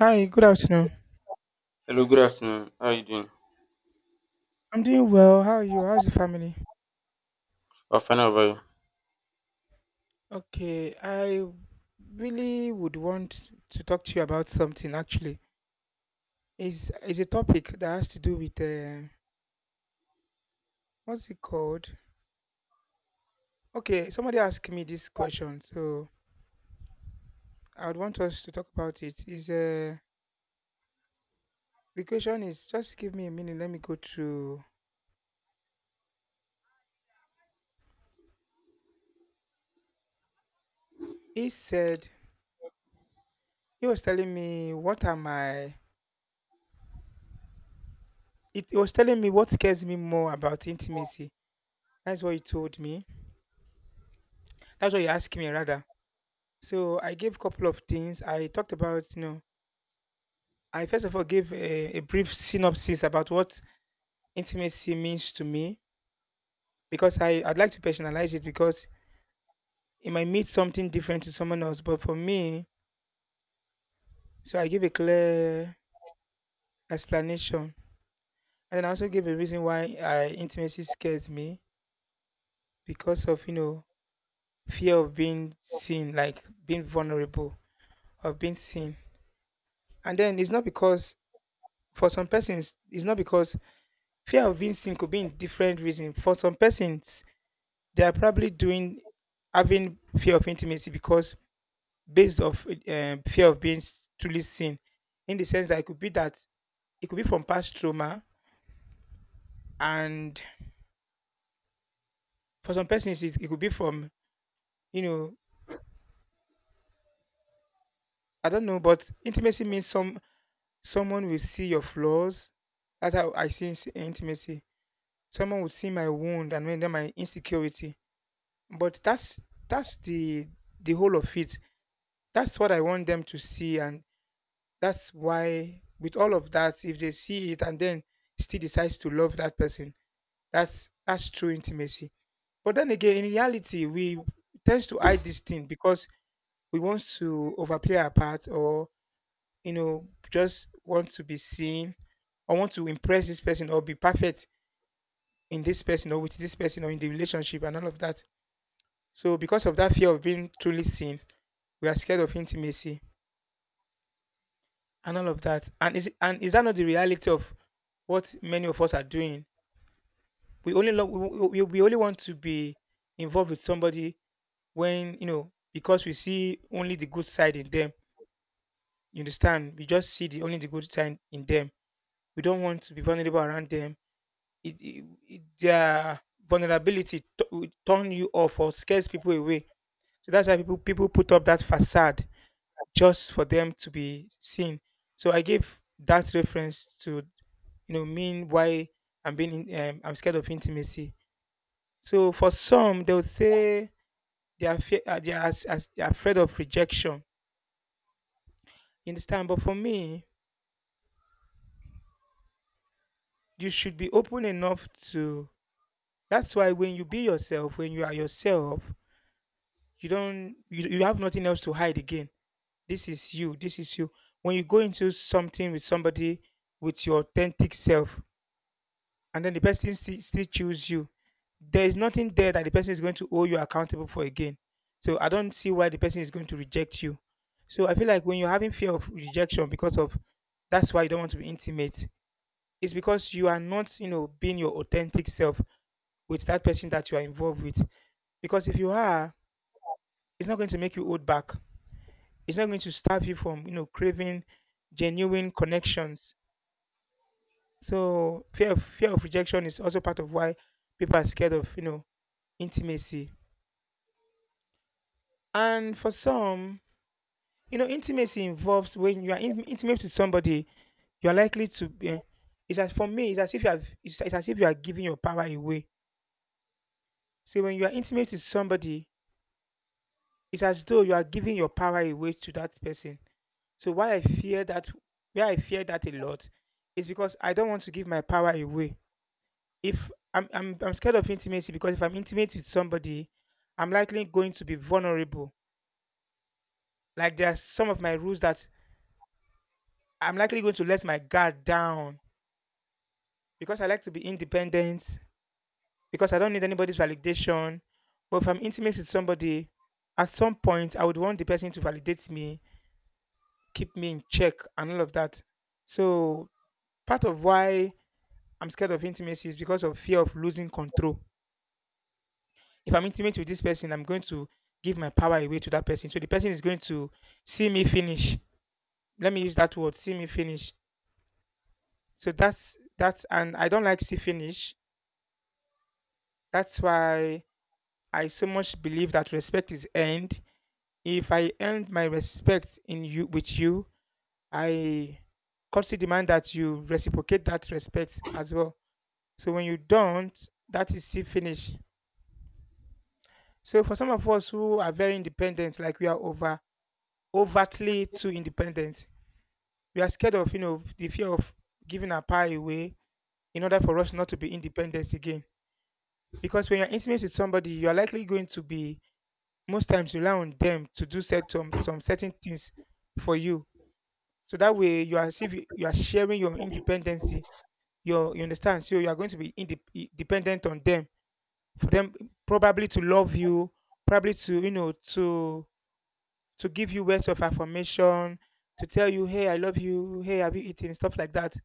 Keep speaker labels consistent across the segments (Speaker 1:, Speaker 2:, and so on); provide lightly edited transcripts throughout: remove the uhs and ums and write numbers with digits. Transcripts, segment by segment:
Speaker 1: Hi, good afternoon.
Speaker 2: Hello, good afternoon. How are you doing?
Speaker 1: I'm doing well. How are you? How's the family?
Speaker 2: I fine, how about you?
Speaker 1: Okay, I really would want to talk to you about something actually. Is a topic that has to do with what's it called? Okay, somebody asked me this question, so I would want us to talk about it. Is the question is just give me a minute. Let me go through. He said he was telling me what am I? It, he was telling me what scares me more about intimacy. That's what he told me. That's what he asked me rather. So I gave a couple of things. I talked about, you know, I first of all gave a brief synopsis about what intimacy means to me because I'd like to personalize it because it might mean something different to someone else. But for me, so I give a clear explanation. And then I also gave a reason why I, intimacy scares me because of, you know, fear of being seen, like being vulnerable, of being seen. And then it's not because, for some persons, it's not because fear of being seen could be in different reasons. For some persons, they are probably doing having fear of intimacy because based of fear of truly seen. In the sense that it could be from past trauma, and for some persons it could be from, you know, I don't know, but intimacy means someone will see your flaws. That's how I see intimacy. Someone would see my wound and then my insecurity. But that's the whole of it. That's what I want them to see, and that's why with all of that, if they see it and then still decides to love that person, that's true intimacy. But then again, in reality, we tend to hide this thing because we want to overplay our part, or, you know, just want to be seen, or want to impress this person, or be perfect in this person, or with this person, or in the relationship, and all of that. So because of that fear of being truly seen, we are scared of intimacy and all of that. And is that not the reality of what many of us are doing? We only love, We only want to be involved with somebody when, you know, because we see only the good side in them. You understand? We just see the only the good side in them. We don't want to be vulnerable around them. Their vulnerability will turn you off or scares people away. So that's why people put up that facade just for them to be seen. So I gave that reference to, you know, mean why I'm scared of intimacy. So for some they would say they are, fe- they, are as they are afraid of rejection, you understand, but for me you should be open enough to, that's why when you are yourself you, you have nothing else to hide again. This is you, this is you. When you go into something with somebody with your authentic self, and then the person still choose you, there is nothing there that the person is going to owe you accountable for again. So I don't see why the person is going to reject you. So I feel like when you're having fear of rejection because of, that's why you don't want to be intimate. It's because you are not, you know, being your authentic self with that person that you are involved with. Because if you are, it's not going to make you hold back. It's not going to stop you from, you know, craving genuine connections. So fear of rejection is also part of why people are scared of, you know, intimacy. And for some, you know, intimacy involves when you are intimate with somebody, you are likely to be, eh, it's, as for me, it's as if you are giving your power away. See, when you are intimate with somebody, it's as though you are giving your power away to that person. So why I fear that, why I fear that a lot, is because I don't want to give my power away. If I'm, I'm scared of intimacy because if I'm intimate with somebody, I'm likely going to be vulnerable. Like there are some of my rules that I'm likely going to let my guard down because I like to be independent, because I don't need anybody's validation. But if I'm intimate with somebody, at some point, I would want the person to validate me, keep me in check, and all of that. So, part of why I'm scared of intimacy is because of fear of losing control. If I'm intimate with this person, I'm going to give my power away to that person. So, the person is going to see me finish. Let me use that word see me finish. So, that's and I don't like see finish. That's why I so much believe that respect is earned. If I earned my respect in you with you, I courtesy demand that you reciprocate that respect as well. So when you don't, that is see finish. So for some of us who are very independent, like we are over overtly too independent, we are scared of, you know, the fear of giving our pie away in order for us not to be independent again. Because when you're intimate with somebody, you are likely going to be most times rely on them to do set some certain things for you. So that way you are as if you are sharing your independency. You understand? So you are going to be dependent on them, for them probably to love you, probably to, you know, to give you words of affirmation, to tell you, hey, I love you, hey, have you eaten, stuff like that.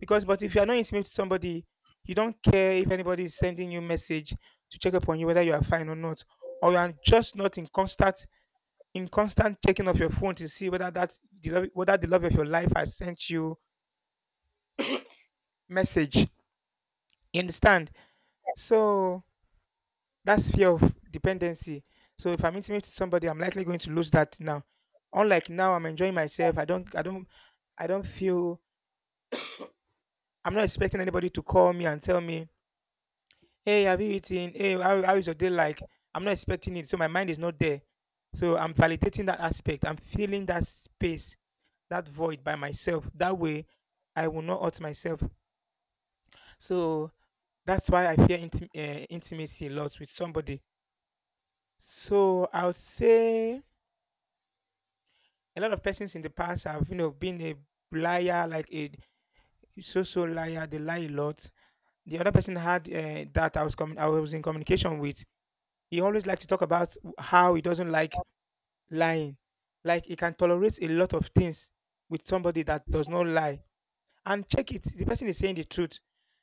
Speaker 1: Because but if you are not intimate to somebody, you don't care if anybody is sending you message to check up on you whether you are fine or not, or you are just not in constant in constant checking of your phone to see whether whether the love of your life has sent you message. You understand? So that's fear of dependency. So if I'm intimate to somebody, I'm likely going to lose that now. Unlike now, I'm enjoying myself. I don't feel. I'm not expecting anybody to call me and tell me hey, have you eaten? How is your day like? I'm not expecting it. So my mind is not there. So I'm validating that aspect. I'm filling that space, that void by myself. That way, I will not hurt myself. So that's why I fear intimacy a lot with somebody. So I would say a lot of persons in the past have, you know, been a liar, like a so-so liar. They lie a lot. The other person had that I was in communication with. He always liked to talk about how he doesn't like lying. Like he can tolerate a lot of things with somebody that does not lie. And check it, the person is saying the truth.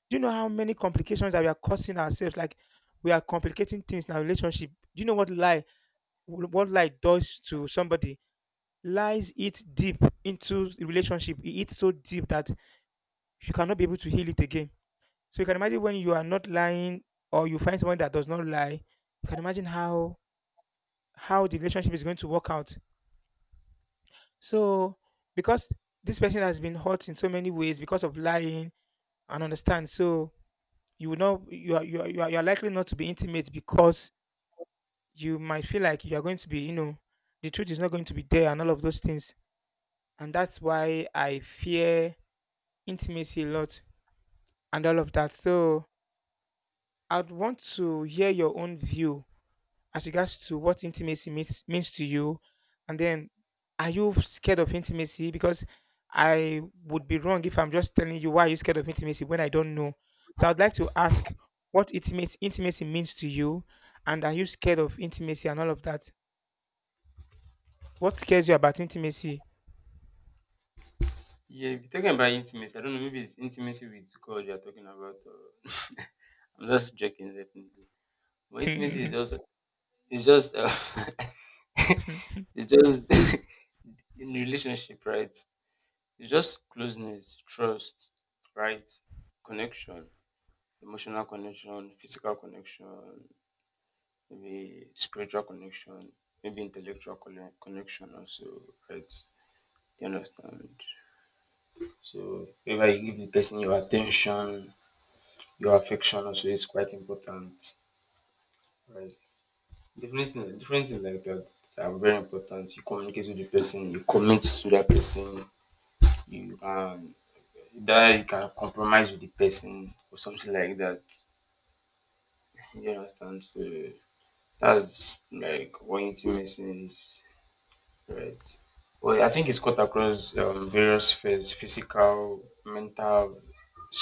Speaker 1: Do you know how many complications that we are causing ourselves? Like we are complicating things in our relationship. Do you know what lie does to somebody? Lies eat deep into the relationship. It eats so deep that you cannot be able to heal it again. So you can imagine when you are not lying or you find someone that does not lie, you can imagine how the relationship is going to work out. So because this person has been hurt in so many ways because of lying and understand, so you are, you are likely not to be intimate because you might feel like you are going to be, you know, the truth is not going to be there and all of those things, and that's why I fear intimacy a lot and all of that. So I'd want to hear your own view as regards to what intimacy means means to you, and then are you scared of intimacy? Because I would be wrong if I'm just telling you why are you scared of intimacy when I don't know. So I'd like to ask what intimacy means to you, and are you scared of intimacy and all of that? What scares you about intimacy?
Speaker 2: Yeah, if you're talking about intimacy, I don't know, maybe it's intimacy with God you're talking about. Or I'm just joking, definitely. But intimacy is just, it's just, uh,
Speaker 1: Hmm.
Speaker 2: it's just in relationship, right? It's just closeness, trust, right? Connection, emotional connection, physical connection, maybe spiritual connection, maybe intellectual connection also, right? You understand? So whenever you give the person your attention, your affection also is quite important, right? Different things like that are very important. You communicate with the person, you commit to that person, you can that you can compromise with the person or something like that. You understand? So that's like what intimacy is. Right. Well, I think it's cut across various spheres, physical, mental,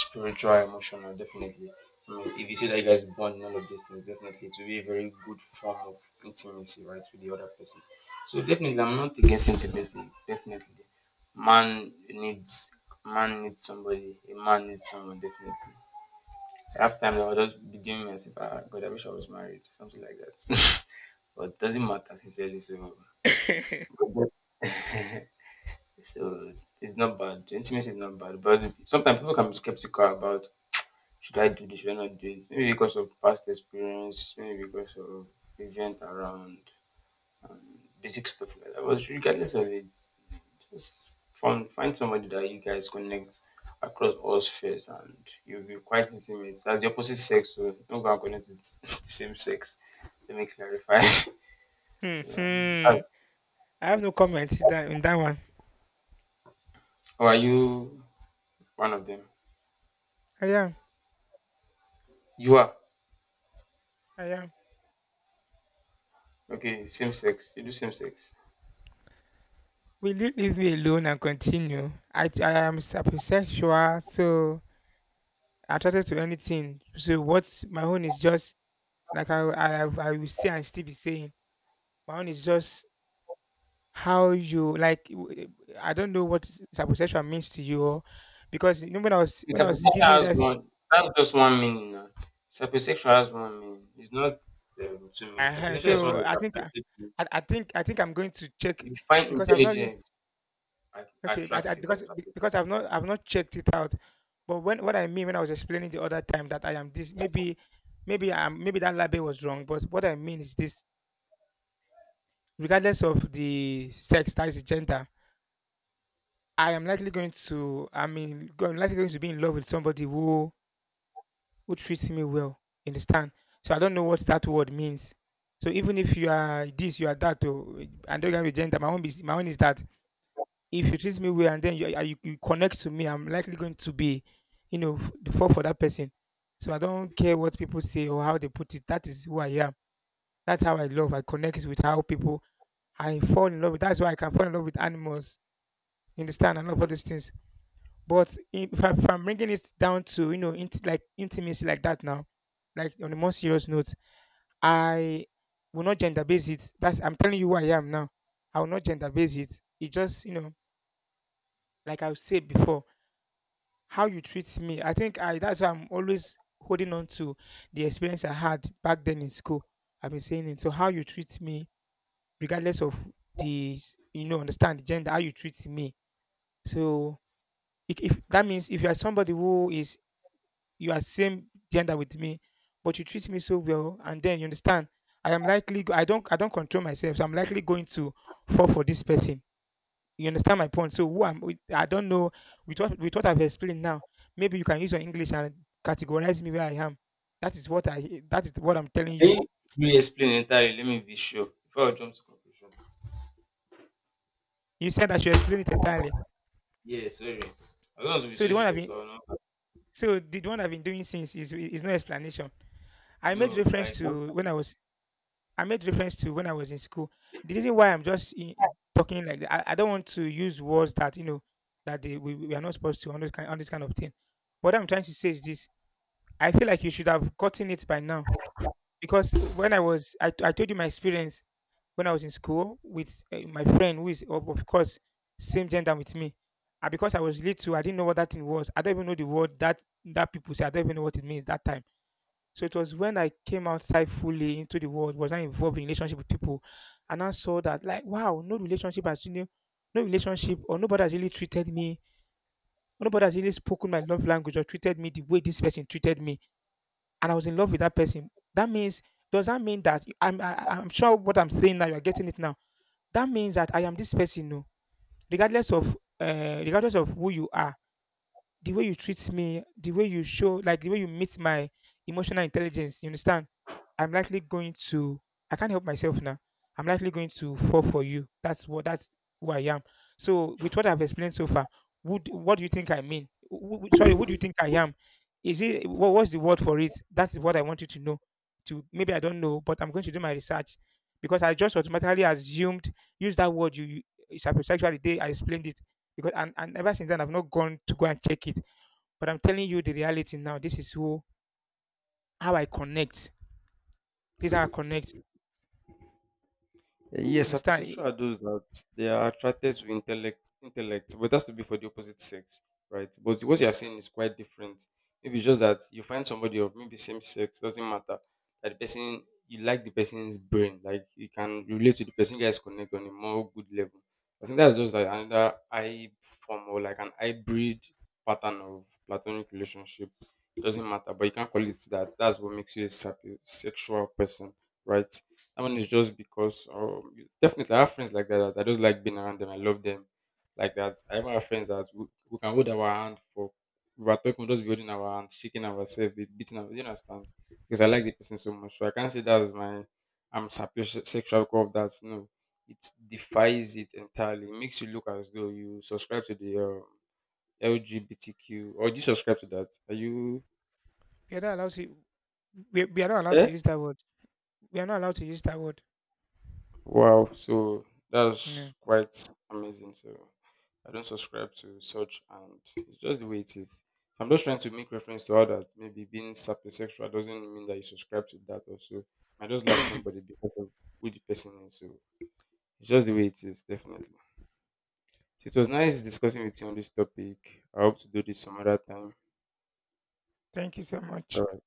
Speaker 2: spiritual, emotional, definitely. I mean, if you see that you guys bond in all of these things, definitely it will be a very good form of intimacy, right, with the other person. So, definitely, I'm not against intimacy. Definitely. Man needs man needs somebody, a man needs someone, definitely. Half time, I was just beginning myself, ah, God, I wish I was married, something like that. But doesn't matter, sincerely. So, so it's not bad. Intimacy is not bad, but sometimes people can be skeptical about should I do this, should I not do it? Maybe because of past experience, maybe because of event around um, basic stuff like that. But regardless of it, just find somebody that you guys connect across all spheres, and you'll be quite intimate. That's the opposite sex, so don't go and connect with the same sex. Let me clarify. so, um,
Speaker 1: Hmm.
Speaker 2: how
Speaker 1: I have no comment in in that one.
Speaker 2: how are you? One of them.
Speaker 1: I am.
Speaker 2: You are.
Speaker 1: I am.
Speaker 2: Okay, same sex. You do same sex.
Speaker 1: Will you leave me alone and continue? I am sapiosexual, so attracted to anything. So what's my own is just like I will say and still be saying my own is just how you like. I don't know what saposexual means to you, because you know when I was
Speaker 2: It's
Speaker 1: when I was
Speaker 2: sapiosexual
Speaker 1: giving you
Speaker 2: has
Speaker 1: that.
Speaker 2: one. That's just one meaning now. Sapiosexual has one meaning. It's not two meanings.
Speaker 1: Uh-huh,
Speaker 2: Sapiosexual is one
Speaker 1: so
Speaker 2: that is attracted to.
Speaker 1: I think I'm going to check
Speaker 2: You find
Speaker 1: because I've not re-
Speaker 2: intelligence
Speaker 1: okay, I, I,
Speaker 2: attractive.
Speaker 1: because
Speaker 2: Yes,
Speaker 1: be-
Speaker 2: sapiosexual.
Speaker 1: because I've not I've not checked it out. But when what I mean when I was explaining the other time that I am this, maybe maybe that label was wrong. But what I mean is this: regardless of the sex, that is the gender, I am likely going to, I'm likely going to be in love with somebody who treats me well. You understand? So I don't know what that word means. So even if you are this, you are that, or and don't have a gender, my own is that if you treat me well and then you connect to me, I'm likely going to be, you know, f- the fall for that person. So I don't care what people say or how they put it. That is who I am. That's how I love. I connect with how people. I fall in love with. That's why I can fall in love with animals. You understand, and all of these things. But if, I, if I'm bringing it down to like intimacy like that now, like on a more serious note, I will not gender base it. That's I'm telling you who I am now. I will not gender base it. It just like I said before, how you treat me. I think I That's why I'm always holding on to the experience I had back then in school. I've been saying it. So how you treat me, regardless of the s- you know understand the gender, how you treat me. So if that means if you are somebody who is you are same gender with me, but you treat me so well, and then you understand I am I don't control myself, so I'm likely going to fall for this person. You understand my point? So I don't know with what I've explained now. Maybe you can use your English and categorize me where I am. That is what I that is what I'm telling
Speaker 2: Can
Speaker 1: you.
Speaker 2: you really explain entirely? Let me be sure before I jump to conclusion.
Speaker 1: You said I should explain it entirely.
Speaker 2: Yeah, sorry. I don't want to be
Speaker 1: So
Speaker 2: so
Speaker 1: the one I've
Speaker 2: sure.
Speaker 1: been
Speaker 2: So
Speaker 1: so the one I've been doing since is no explanation. I made
Speaker 2: no, no,
Speaker 1: reference
Speaker 2: like
Speaker 1: to when I was I made reference to when I was in school. The reason why I'm just in, talking like that, I don't want to use words that you know that they, we are not supposed to on this kind of thing. What I'm trying to say is this: I feel like you should have gotten it by now because when I was, I told you my experience when I was in school with my friend who is of course, same gender with me. And because I was little, I didn't know what that thing was. I don't even know the word that that people say. I don't even know what it means that time. So it was when I came outside fully into the world, was not involved in relationship with people, and I saw that, like, wow, no relationship has really, no relationship or nobody has really treated me, nobody has really spoken my love language or treated me the way this person treated me, and I was in love with that person. That means, does that mean that I'm sure what I'm saying now you are getting it now. That means that I am this person, no, regardless of who you are, the way you treat me, the way you show, like the way you meet my emotional intelligence, you understand? I'm likely going to, I can't help myself now. I'm likely going to fall for you. That's who I am. So, with what I've explained so far, would, what do you think I mean? Sorry, what do you think I am? Is it, what's the word for it? That's what I want you to know. To, maybe I don't know, but I'm going to do my research because I just automatically assumed, use that word, you, it's hypersexual the day I explained it because and ever since then I've not gone to go and check it. But I'm telling you the reality now. This is who How I connect. This is how I connect.
Speaker 2: uh, yes,
Speaker 1: Understand?
Speaker 2: sapiosexual
Speaker 1: Eh,
Speaker 2: are those that they are attracted to intellect, intellect, but that's to be for the opposite sex, right? But what you're saying is quite different. Maybe it's just that you find somebody of maybe same sex, doesn't matter. That the person, you like the person's brain, like you can relate to the person, you guys connect on a more good level. I think that's just like another I form or like an hybrid pattern of platonic relationship. It doesn't matter, but you can't call it that. That's what makes you a sapiosexual person, right? That one is just because definitely I have friends like that, that I just like being around them. I love them like that. I even have friends that we can hold our hand for we are talking, we'll just be holding our hand, shaking ourselves, be beating our, you understand? Because I like the person so much. So I can't say that's my I'm sexual core of that. No. It defies it entirely. It makes you look as though you subscribe to the LGBTQ, or do you subscribe to that? Are you,
Speaker 1: we are not allowed to. We are not allowed to
Speaker 2: eh?
Speaker 1: use that word. We are not allowed to use that word.
Speaker 2: Wow, so
Speaker 1: Yeah.
Speaker 2: that's quite amazing. So I don't subscribe to such, and it's just the way it is. So I'm just trying to make reference to how that maybe being sapiosexual doesn't mean that you subscribe to that also. I just like somebody because of who the person is. So it's just the way it is, definitely. So it was nice discussing with you on this topic. I hope to do this some other time.
Speaker 1: Thank you so
Speaker 2: All
Speaker 1: much.
Speaker 2: right.